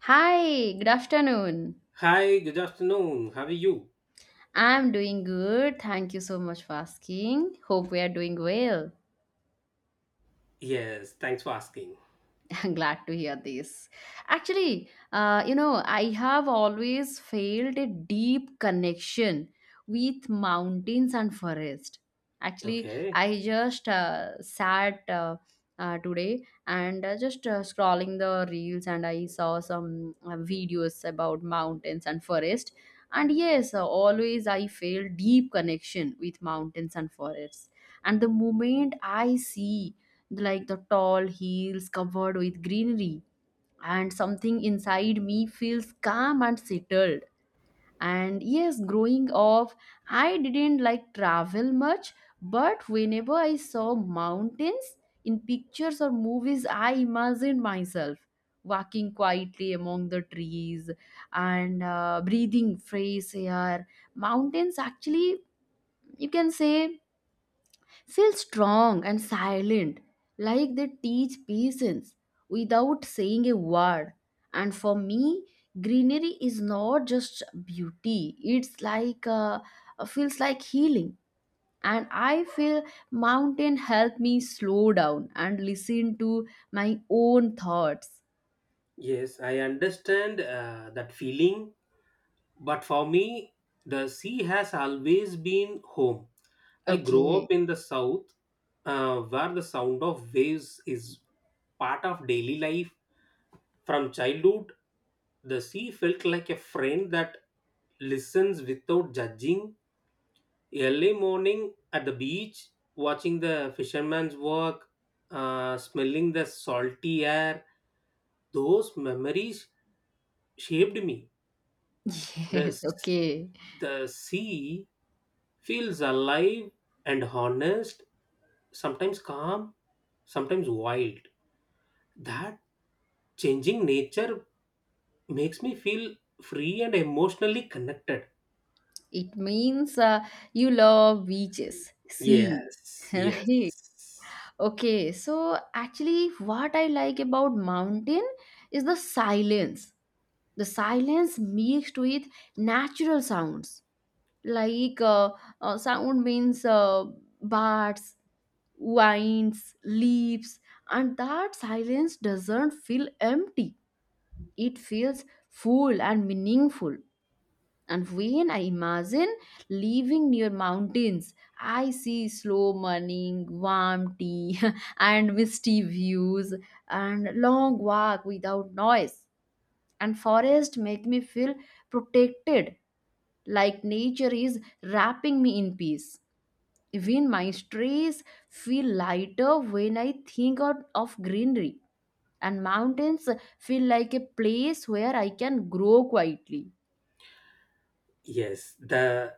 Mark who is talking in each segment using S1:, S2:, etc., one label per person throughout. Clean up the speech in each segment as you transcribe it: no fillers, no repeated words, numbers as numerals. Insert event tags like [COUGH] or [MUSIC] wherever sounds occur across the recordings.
S1: Hi, good afternoon.
S2: Hi, good afternoon. How are you?
S1: I'm doing good. Thank you so much for asking. Hope we are doing well.
S2: Yes, thanks for asking.
S1: [LAUGHS] I'm glad to hear this. Actually, I have always felt a deep connection with mountains and forest. Actually,
S2: Okay.
S1: I just sat today and just scrolling the reels, and I saw some videos about mountains and forest. And yes, always I feel deep connection with mountains and forests. And the moment I see like the tall hills covered with greenery, and something inside me feels calm and settled. And yes, growing up, I didn't like travel much, but whenever I saw mountains in pictures or movies, I imagined myself walking quietly among the trees and breathing fresh air. Mountains actually, you can say, feel strong and silent, like they teach patience without saying a word. And for me, greenery is not just beauty, it's like feels like healing. And I feel mountain help me slow down and listen to my own thoughts.
S2: Yes, I understand that feeling, but for me, the sea has always been home. I grew
S1: Okay.
S2: up
S1: [LAUGHS]
S2: in the south, where the sound of waves is part of daily life. From childhood, the sea felt like a friend that listens without judging. Early morning at the beach, watching the fisherman's walk, smelling the salty air, those memories shaped me. The,
S1: Yes,
S2: s-
S1: okay.
S2: the sea feels alive and honest, sometimes calm, sometimes wild. That changing nature makes me feel free and emotionally connected.
S1: It means you love beaches, sea,
S2: Yes,
S1: [LAUGHS]
S2: yes.
S1: right? Okay, so actually, what I like about mountain is the silence. The silence mixed with natural sounds like sound means birds, winds, leaves, and that silence doesn't feel empty. It feels full and meaningful. And when I imagine living near mountains, I see slow morning, warm tea, [LAUGHS] and misty views, and long walk without noise. And forest make me feel protected, like nature is wrapping me in peace. Even my stress feel lighter when I think out of greenery. And mountains feel like a place where I can grow quietly.
S2: Yes, the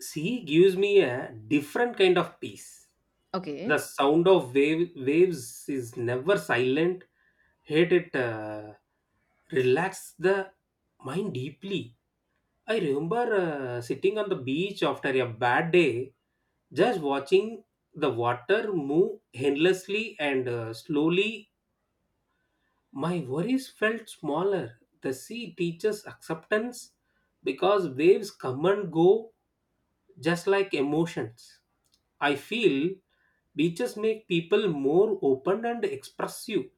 S2: sea gives me a different kind of peace. The
S1: Okay.
S2: sound of waves is never silent. Hate it, relax the mind deeply. I remember sitting on the beach after a bad day, just watching the water move endlessly and slowly. My worries felt smaller. The sea teaches acceptance because waves come and go just like emotions. I feel beaches make people more open and expressive.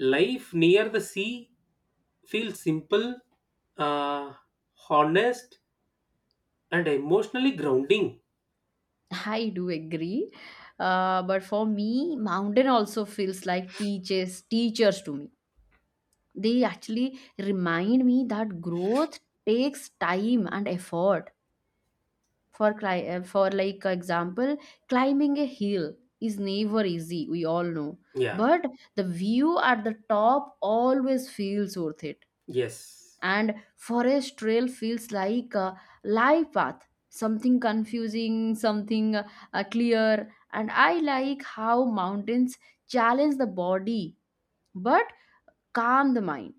S2: Life near the sea feels simple, uh, honest, and emotionally grounding.
S1: I do agree. But for me, mountain also feels like teaches teachers to me. They actually remind me that growth takes time and effort. For like example, climbing a hill is never easy. We all know,
S2: Yeah,
S1: but the view at the top always feels worth it.
S2: yes.
S1: And forest trail feels like a live path, something confusing, something clear. And I like how mountains challenge the body but calm the mind.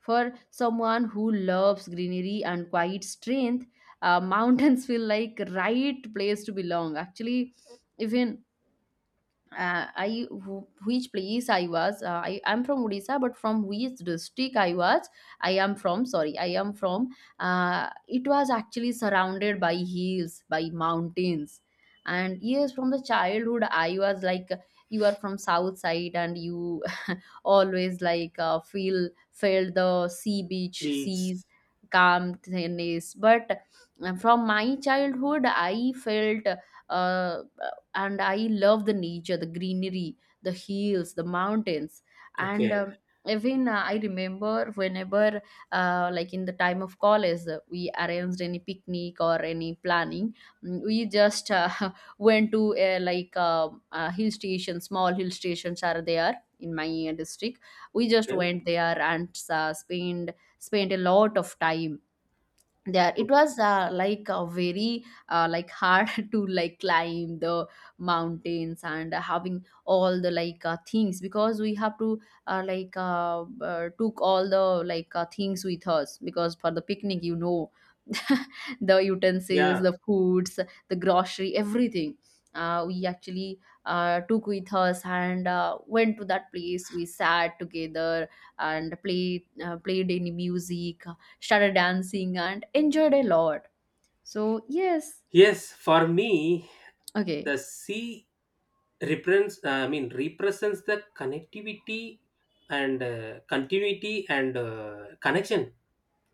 S1: For someone who loves greenery and quiet strength, [LAUGHS] mountains feel like right place to belong actually. Even which place I was. I am from Odisha, but from which district I was. I am from. Sorry, I am from. It was actually surrounded by hills, by mountains, and yes, from the childhood I was like, you are from south side, and you [LAUGHS] always like feel felt the sea beach
S2: Beach.
S1: seas calm tennis. But from my childhood I felt uh, and I love the nature, the greenery, the hills, the mountains, and
S2: Okay.
S1: even I remember, whenever like in the time of college, we arranged any picnic or any planning, we just [LAUGHS] went to hill stations, small hill stations are there in my district. We just
S2: Okay.
S1: went there and spent spent a lot of time there. It
S2: Cool.
S1: was like a very like hard [LAUGHS] to like climb the mountains and having all the like things, because we have to took all the like things with us, because for the picnic, you know, [LAUGHS] the utensils,
S2: Yeah.
S1: the foods, the grocery, everything, we actually took with us and went to that place. We sat together and played, played any music, started dancing, and enjoyed a lot. So, yes,
S2: Yes, for me,
S1: okay,
S2: the sea represents, represents the connectivity and continuity and connection.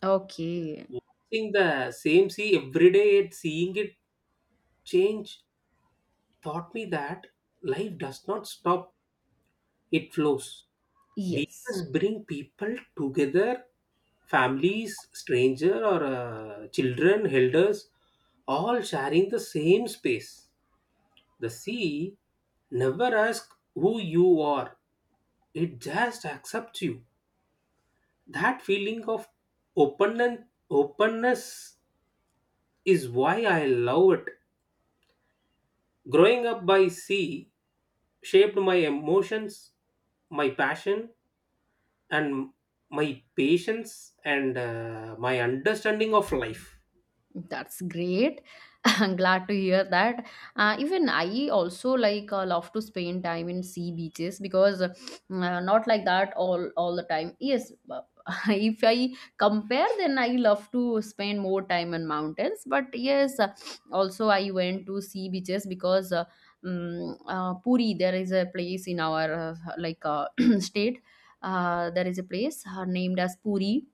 S1: okay,
S2: Watching the same sea every day and seeing it change taught me that life does not stop, it flows.
S1: yes.
S2: Beaches bring people together, families, stranger or children, elders, all sharing the same space. The sea never asks who you are, it just accepts you. That feeling of openness, openness is why I love it. Growing up by sea shaped my emotions, my passion, and my patience and my understanding of life.
S1: That's great. [LAUGHS] I'm glad to hear that. Even I also like love to spend time in sea beaches, because not like that all the time. Yes, but [LAUGHS] if I compare, then I love to spend more time in mountains. But yes, also I went to sea beaches, because Puri, there is a place in our like [CLEARS THROAT] state. There is a place named as Puri.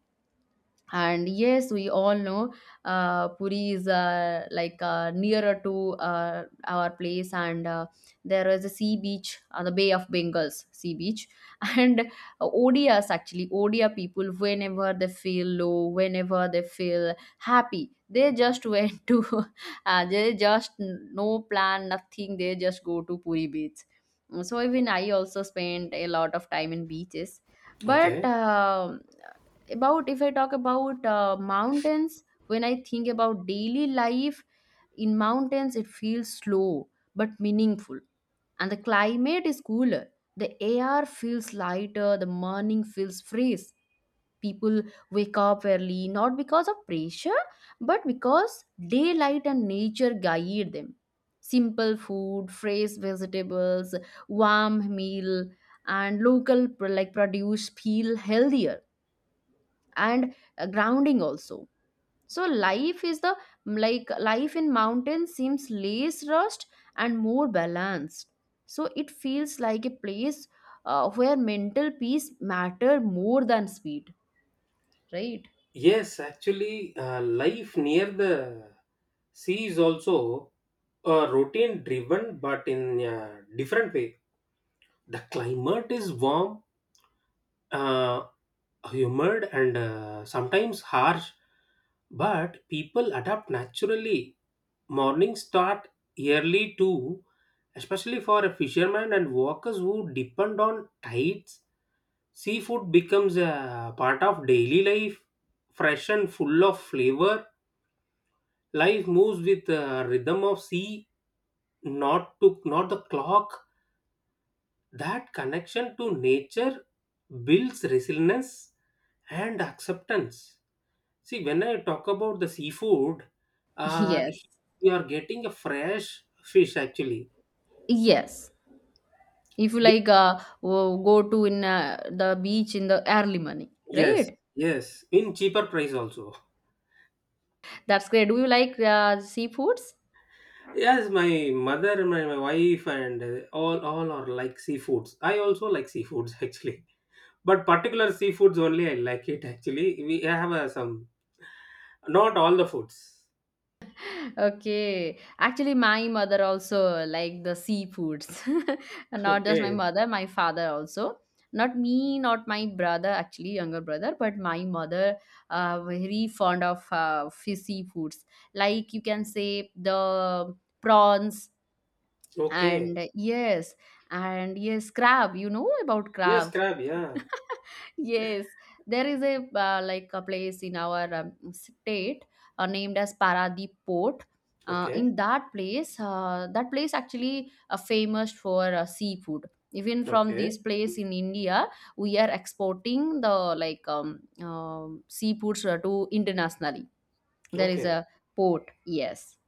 S1: And yes, we all know Puri is like nearer to our place, and there is a sea beach, the Bay of Bengals sea beach. [LAUGHS] And Odias actually, Odia people, whenever they feel low, whenever they feel happy, they just went to, [LAUGHS] no plan, nothing, they just go to Puri beach. So even I also spent a lot of time in beaches. But
S2: Okay.
S1: um about if I talk about mountains, when I think about daily life in mountains, it feels slow but meaningful. And the climate is cooler, the air feels lighter, the morning feels fresh. People wake up early, not because of pressure, but because daylight and nature guide them. Simple food, fresh vegetables, warm meal, and like produce feel healthier and grounding also. So life is the like life in mountains seems less rushed and more balanced. So it feels like a place where mental peace matter more than speed, right?
S2: Yes, actually, life near the sea is also a routine driven but in a different way. The climate is warm, uh, humored and sometimes harsh, but people adapt naturally. Mornings start early too, especially for a fisherman and workers who depend on tides. Seafood becomes a part of daily life, fresh and full of flavor. Life moves with the rhythm of sea, not the clock. That connection to nature builds resilience and acceptance. See, when I talk about the seafood,
S1: [LAUGHS]
S2: uh,
S1: Yes,
S2: you are getting a fresh fish actually.
S1: yes, if you
S2: Be-
S1: like go to in the beach in the early morning,
S2: Yes,
S1: right?
S2: yes, in cheaper price also.
S1: That's great. Do you like seafoods?
S2: Yes, my mother, my wife, and all are like seafoods. I also like seafoods [LAUGHS] actually, but particular seafoods only I like it actually. We have some, not all the foods.
S1: Okay. Actually, my mother also like the seafoods. [LAUGHS] And not just my
S2: Okay,
S1: mother, my father also. Not me, not my brother, actually, younger brother, but my mother very fond of fishy foods. Like you can say the prawns,
S2: okay.
S1: and yes, crab. You know about
S2: Yes,
S1: crab.
S2: crab. Yeah.
S1: Yes, there is a like a place in our state named as Paradip Port.
S2: Okay,
S1: In that place, actually famous for seafood. Even from this
S2: okay,
S1: place in India, we are exporting the like seafoods to internationally. There is
S2: okay.
S1: a port, yes.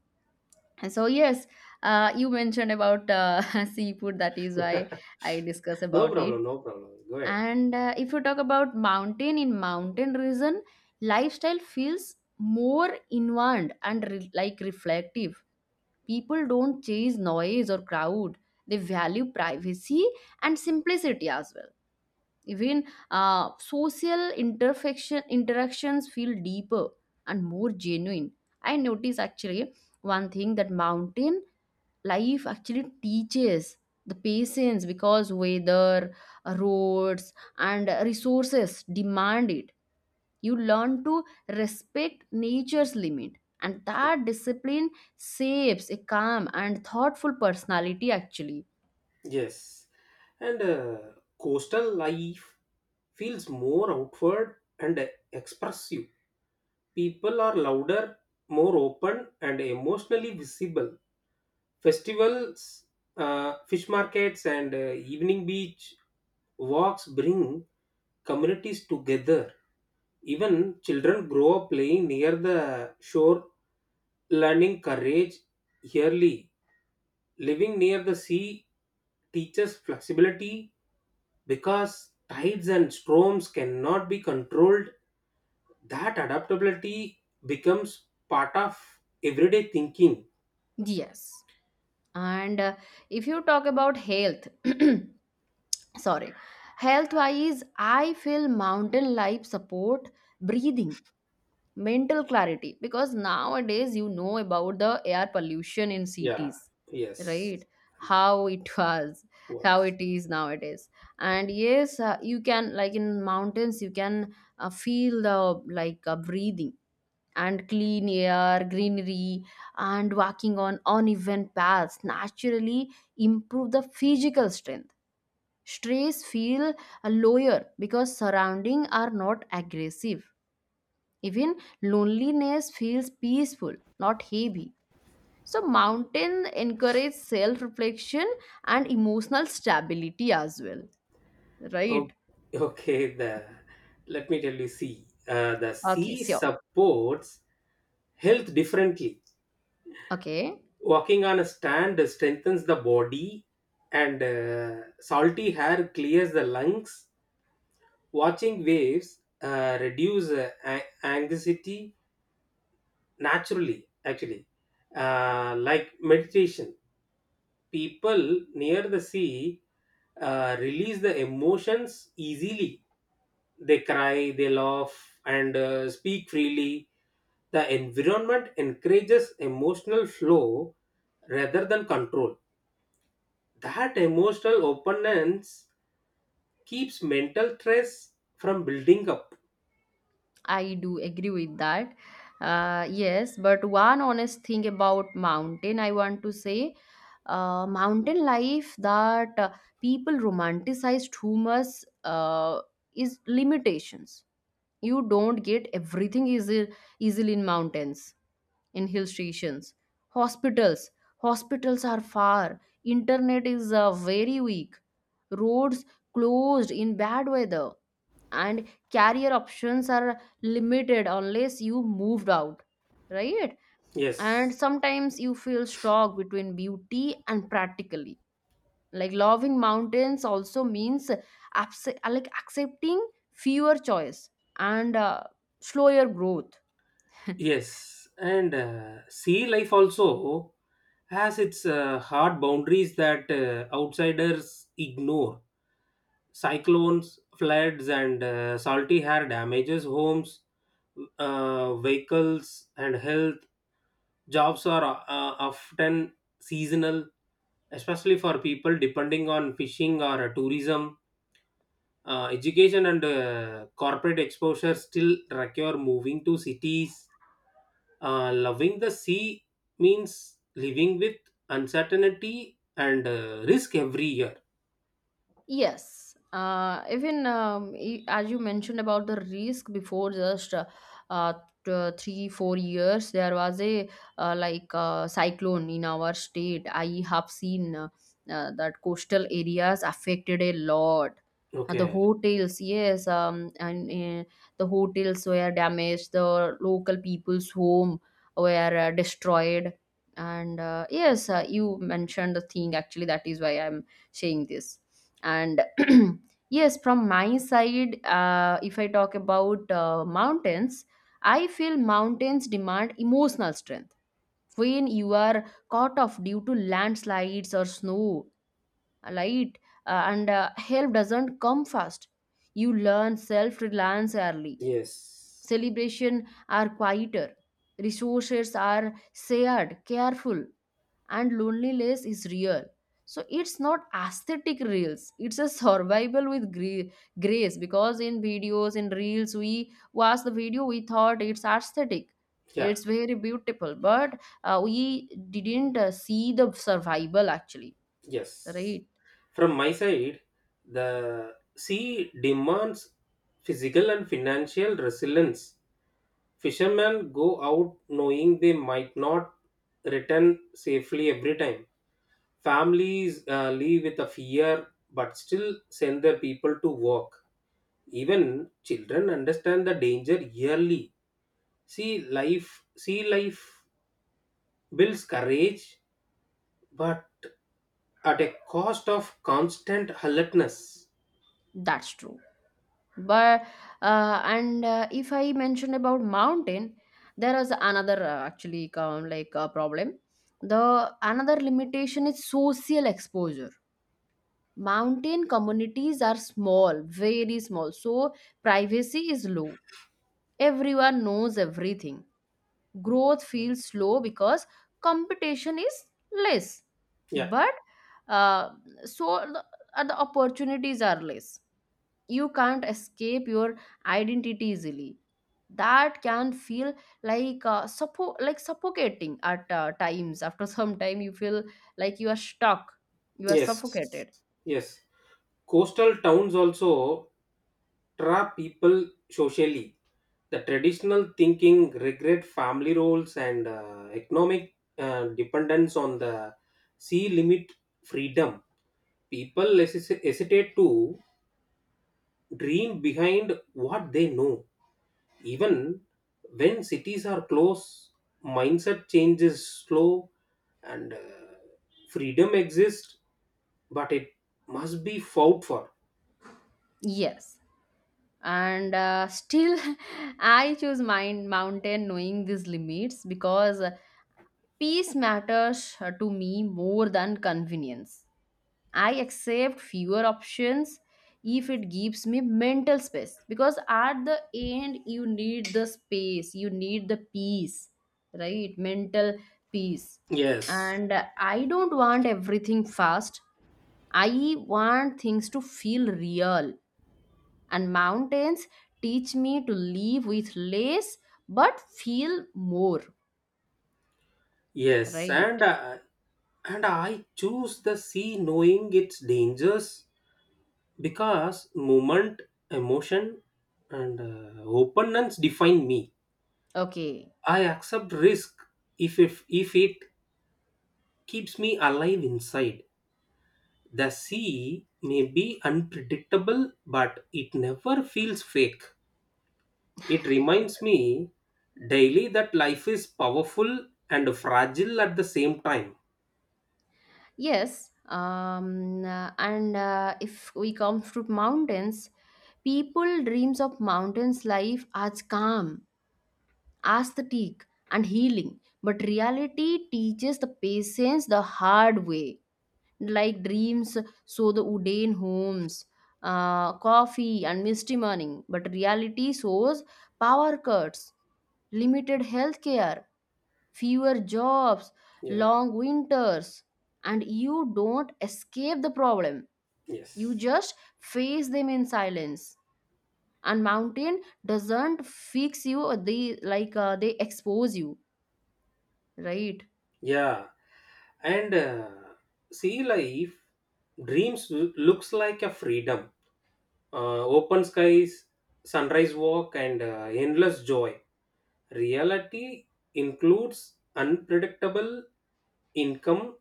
S1: And so yes, you mentioned about [LAUGHS] seafood. That is why
S2: [LAUGHS]
S1: I discuss
S2: no
S1: about it.
S2: problem. No problem. Go ahead.
S1: And if you talk about mountain, in mountain region, lifestyle feels more inward and like reflective. People don't chase noise or crowd. They value privacy and simplicity as well. Even social interactions feel deeper and more genuine. I notice actually one thing, that mountain life actually teaches the patience, because weather, roads, and resources demand it. You learn to respect nature's limit, and that discipline shapes a calm and thoughtful personality actually.
S2: Yes, and coastal life feels more outward and expressive. People are louder, more open, and emotionally visible. Festivals, fish markets, and evening beach walks bring communities together. Even children grow up playing near the shore, learning courage early. Living near the sea teaches flexibility because tides and storms cannot be controlled. That adaptability becomes part of everyday thinking.
S1: Yes. And if you talk about health, [CLEARS THROAT] sorry, health wise I feel mountain life support breathing, mental clarity, because nowadays you know about the air pollution in
S2: Yeah,
S1: cities, right?
S2: yes.
S1: How it [LAUGHS] was, how
S2: What?
S1: it is nowadays. And yes, you can like in mountains, you can feel the like breathing and clean air, greenery. And walking on uneven paths naturally improve the physical strength. Stress feel lower because surrounding are not aggressive. Even loneliness feels peaceful, not heavy. So, mountain encourage self reflection and emotional stability as well,
S2: Oh,
S1: right?
S2: okay. The Let me tell you. See, the
S1: Okay,
S2: sea
S1: sure.
S2: supports health differently.
S1: Okay,
S2: Walking on a stand strengthens the body, and salty air clears the lungs. Watching waves reduce anxiety naturally, actually. Like meditation, people near the sea release the emotions easily. They cry, they laugh, and speak freely. The environment encourages emotional flow rather than control. That emotional openness keeps mental stress from building up.
S1: I do agree with that. Yes, but one honest thing about mountain, I want to say mountain life, that people romanticize too much uh, is limitations. You don't get everything easy, easily in mountains, in hill stations. Hospitals. Hospitals are far. Internet is very weak. Roads closed in bad weather. And career options are limited unless you moved out. Right? And
S2: Yes.
S1: sometimes you feel stuck between beauty and practically. Like loving mountains also means like accepting fewer choice and slower growth. [LAUGHS]
S2: Yes, and sea life also has its hard boundaries that outsiders ignore. Cyclones, floods, and salty air damages homes, vehicles, and health. Jobs are often seasonal, especially for people depending on fishing or tourism. Education and corporate exposure still require moving to cities. Loving the sea means living with uncertainty and risk every year.
S1: Yes, even as you mentioned about the risk before, uh, three, four years, there was a like cyclone in our state. I have seen that coastal areas affected a lot. The
S2: Okay.
S1: hotels, yes, and uh, the hotels were damaged, the local people's home were destroyed. And yes, you mentioned the thing actually, that is why I'm saying this. And [CLEARS THROAT] yes, from my side, if I talk about mountains, I feel mountains demand emotional strength. When you are caught off due to landslides or snow light, and help doesn't come fast, you learn self-reliance early.
S2: Yes.
S1: Celebration are quieter, resources are shared careful, and loneliness is real. So it's not aesthetic reels, it's a survival with grace. Because in videos, in reels, we watch the video, we thought it's aesthetic,
S2: Yeah.
S1: it's very beautiful, but we didn't see the survival actually,
S2: Yes.
S1: right?
S2: From my side, the sea demands physical and financial resilience. Fishermen go out knowing they might not return safely every time. Families leave with a fear but still send their people to work. Even children understand the danger yearly. Sea life builds courage, but at a cost of constant alertness.
S1: That's true. But and if I mention about mountain, there is another actually come like problem. The another limitation is social exposure. Mountain communities are small, very small, so privacy is low. Everyone knows everything. Growth feels slow because competition is less.
S2: Yeah.
S1: But uh, so the, the opportunities are less. You can't escape your identity easily. That can feel like suffocating at times. After [LAUGHS] some time, you feel like you are stuck, you are
S2: Yes.
S1: suffocated.
S2: Yes. Coastal towns also trap people socially. The traditional thinking, regret family roles, and economic dependence on the sea limit freedom. People hesitate to dream behind what they know. Even when cities are close, mindset change is slow and freedom exists, but it must be fought for.
S1: Yes. and still [LAUGHS] I choose mine mountain knowing these limits because peace matters to me more than convenience. I accept fewer options if it gives me mental space, because at the end you need the space, you need the peace, right? Mental peace.
S2: Yes,
S1: And I don't want everything fast. I want things to feel real, and mountains teach me to live with less but feel more,
S2: yes, and
S1: right?
S2: I choose the sea knowing its dangers because movement, emotion, and openness define me.
S1: Okay.
S2: I accept risk if it keeps me alive inside. The sea may be unpredictable, but it never feels fake. It reminds me daily that life is powerful and fragile at the same time.
S1: Yes. And If we come to mountains, people dreams of mountains life as calm, aesthetic, and healing, but reality teaches the patience the hard way, like dreams. So the Udane homes, coffee and misty morning, but reality shows power cuts, limited health care, fewer jobs,
S2: Yeah,
S1: long winters, and you don't escape the problem. You
S2: yes.
S1: just face them in silence. And mountain doesn't fix you, or they they expose you, right?
S2: Yeah, and sea life looks like a freedom, open skies, sunrise walk, and endless joy. Reality includes unpredictable income,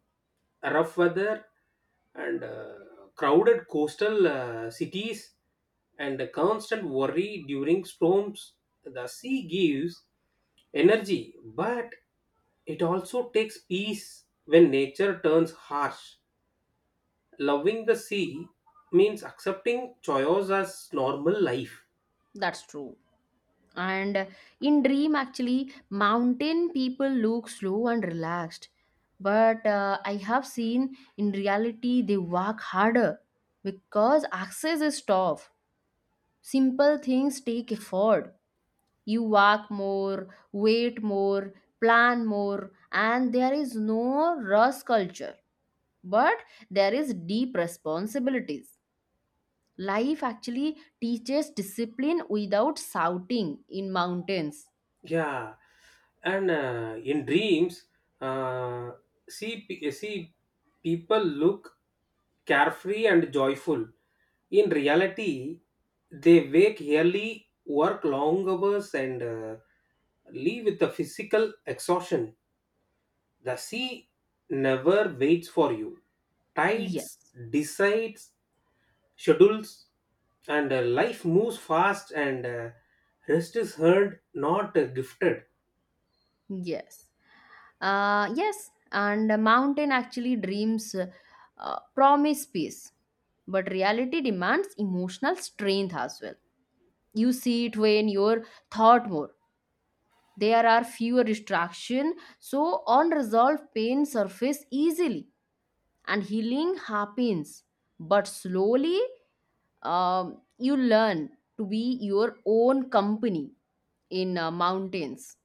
S2: rough weather, and crowded coastal cities, and constant worry during storms. The sea gives energy, but it also takes peace when nature turns harsh. Loving the sea means accepting chaos as normal life.
S1: That's true. And In dream, actually, mountain people look slow and relaxed, but I have seen in reality they work harder because access is tough. Simple things take effort. You work more, wait more, plan more, and there is no rush culture, but there is deep responsibilities. Life actually teaches discipline without shouting in mountains.
S2: Yeah, and in dreams, uh, see people look carefree and joyful. In reality, they wake early, work long hours, and leave with a physical exhaustion. The sea never waits for you.
S1: Yes.
S2: Tides decides schedules and life moves fast and rest is hard, not gifted.
S1: Yes. Yes, and a mountain actually dreams promise peace, but reality demands emotional strength as well. You see it when you're thought more. There are fewer distraction, so unresolved pain surface easily, and healing happens, but slowly. You learn to be your own company in mountains.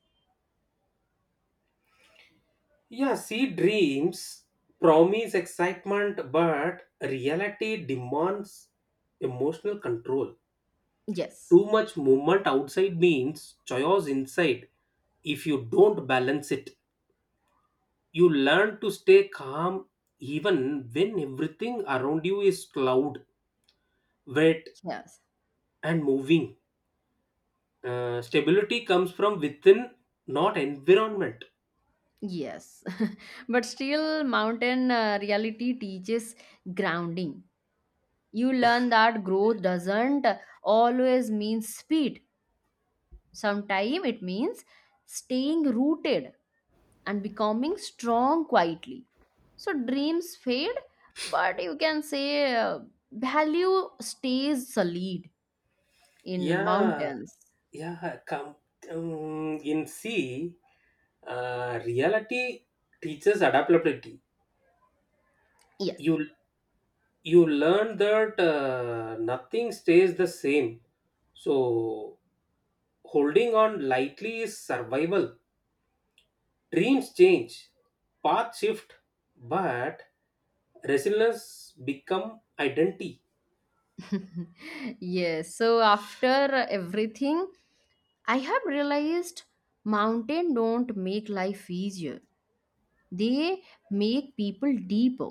S2: Yeah, see, dreams promise excitement but reality demands emotional control.
S1: Yes.
S2: Too much movement outside means chaos inside. If you don't balance it, you learn to stay calm even when everything around you is loud, wet,
S1: Yes.
S2: and moving. Stability comes from within, not environment.
S1: Yes. [LAUGHS] But still mountain reality teaches grounding. You learn that growth doesn't always mean speed. Sometimes it means staying rooted and becoming strong quietly. So dreams fade, but you can say value stays solid in
S2: Yeah,
S1: mountains.
S2: yeah. Um, in see, reality teaches adaptability.
S1: Yes.
S2: You you learn that nothing stays the same. So holding on lightly is survival. Dreams change, path shift, but resilience become identity.
S1: [LAUGHS] Yes. So after everything, I have realized mountain don't make life easier. They make people deeper.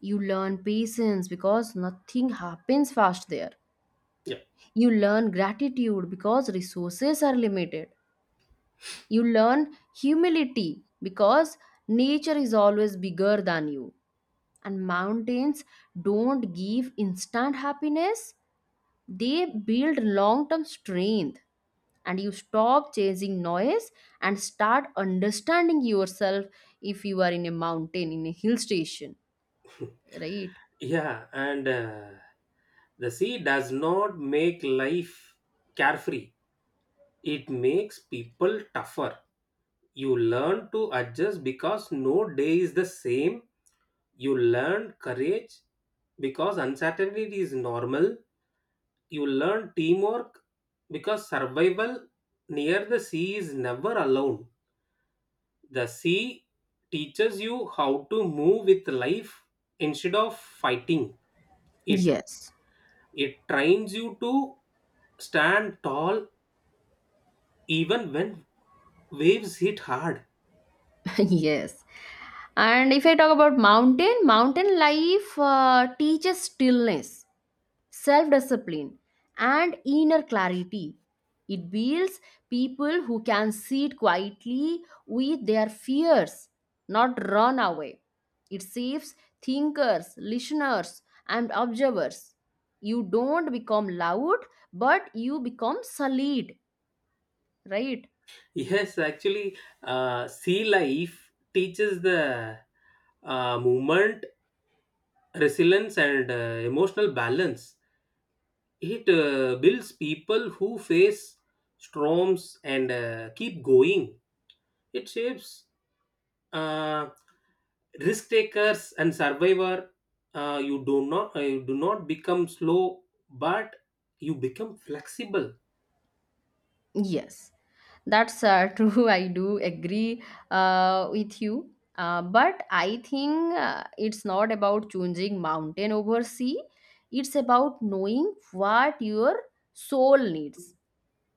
S1: You learn patience because nothing happens fast there.
S2: Yep.
S1: You learn gratitude because resources are limited. You learn humility because nature is always bigger than you. And mountains don't give instant happiness, they build long term strength. And you stop chasing noise and start understanding yourself if you are in a mountain, in a hill station, right?
S2: Yeah, and the sea does not make life carefree. It makes people tougher. You learn to adjust because no day is the same. You learn courage because uncertainty is normal. You learn teamwork because survival near the sea is never alone. The sea teaches you how to move with life instead of fighting it.
S1: Yes.
S2: It trains you to stand tall even when waves hit hard. [LAUGHS]
S1: [LAUGHS] Yes. And if I talk about mountain, mountain life teaches stillness, self discipline, and inner clarity. It builds people who can sit quietly with their fears, not run away. It saves thinkers, listeners, and observers. You don't become loud, but you become solid, right?
S2: Yes, actually, sea life teaches the movement, resilience, and emotional balance. It builds people who face storms and keep going. It shapes uh, risk takers and survivor. You do not become slow, but you become flexible.
S1: Yes, that's [LAUGHS] true. I do agree with you. But I think it's not about choosing mountain over sea. It's about knowing what your soul needs,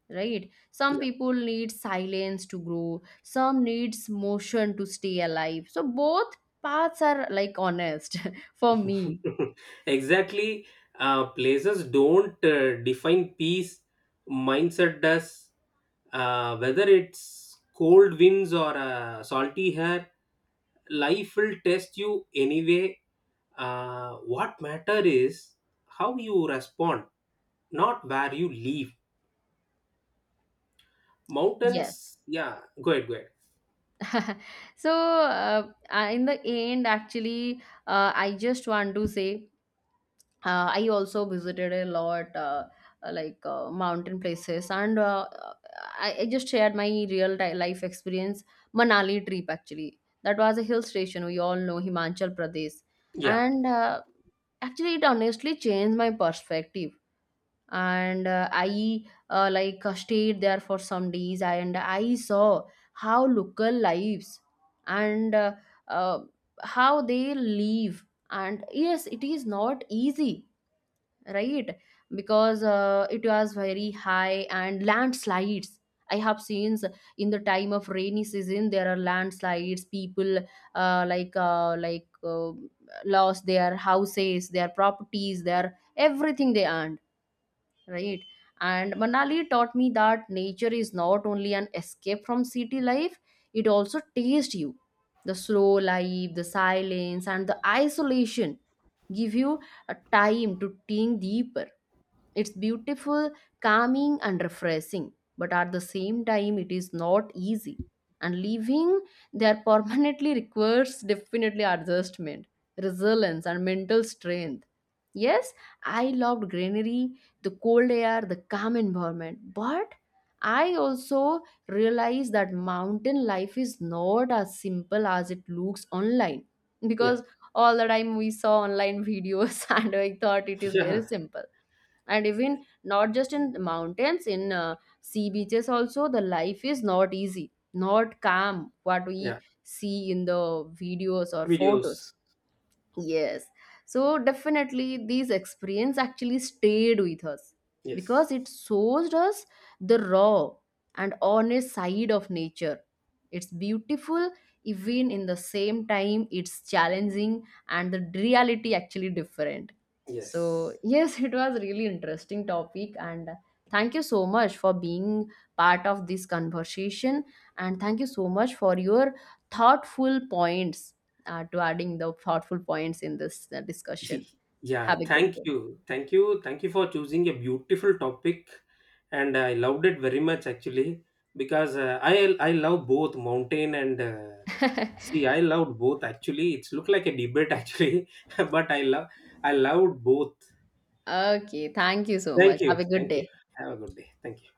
S1: right? Some people need silence to grow, some needs motion to stay alive. So both paths are like honest [LAUGHS] for
S2: [LAUGHS]
S1: me.
S2: exactly. Places don't define peace, mindset does. Whether it's cold winds or salty hair, life will test you anyway. What matter is how you respond, not where you live.
S1: Yes.
S2: Mountains, yeah, go ahead, go ahead.
S1: [LAUGHS] So in the end, actually, I just want to say, I also visited a lot mountain places, and I just shared my real life experience. Manali trip, actually, that was a hill station. We all know Himachal Pradesh.
S2: Yeah,
S1: And actually, it honestly changed my perspective. And uh, i uh, like uh, stayed there for some days, and I saw how local lives and uh, how they live. And yes, it is not easy, right? Because it was very high, and landslides, I have seen, in the time of rainy season, there are landslides. People uh, like uh, like uh, lost their houses, their properties, their everything they earned, right? And Manali taught me that nature is not only an escape from city life. It also tastes you. The slow life, the silence, and the isolation give you a time to think deeper. It's beautiful, calming, and refreshing, but at the same time, it is not easy. And living there permanently [LAUGHS] requires definitely adjustment, resilience, and mental strength. Yes, I loved greenery, the cold air, the calm environment, but I also realized that mountain life is not as simple as it looks online,
S2: yeah.
S1: because all the time we saw online videos [LAUGHS] and I thought it
S2: [LAUGHS]
S1: is very
S2: yeah,
S1: simple. And even not just in mountains, in sea beaches also, the life is not easy, not calm, what we
S2: yeah.
S1: see in the videos or photos.
S2: Videos.
S1: Yes. So definitely these experience actually stayed with us, because
S2: Yes,
S1: it shows us the raw and honest side of nature. It's beautiful, even in the same time it's challenging, and the reality actually different. So
S2: yes.
S1: yes, [LAUGHS] it was really interesting topic, and thank you so much for being part of this conversation, and thank you so much for your thoughtful points, to adding the thoughtful points in this discussion.
S2: [LAUGHS] Yeah,
S1: Have a good
S2: thank
S1: day.
S2: you. Thank you. Thank you for choosing a beautiful topic. And I loved it very much actually because I love both mountain and sea. I loved both actually. It's look like a debate actually, [LAUGHS] but I loved both.
S1: Okay, thank you so much.
S2: Thank you.
S1: Have a good
S2: Thank you.
S1: day.
S2: Have a good day. Thank you.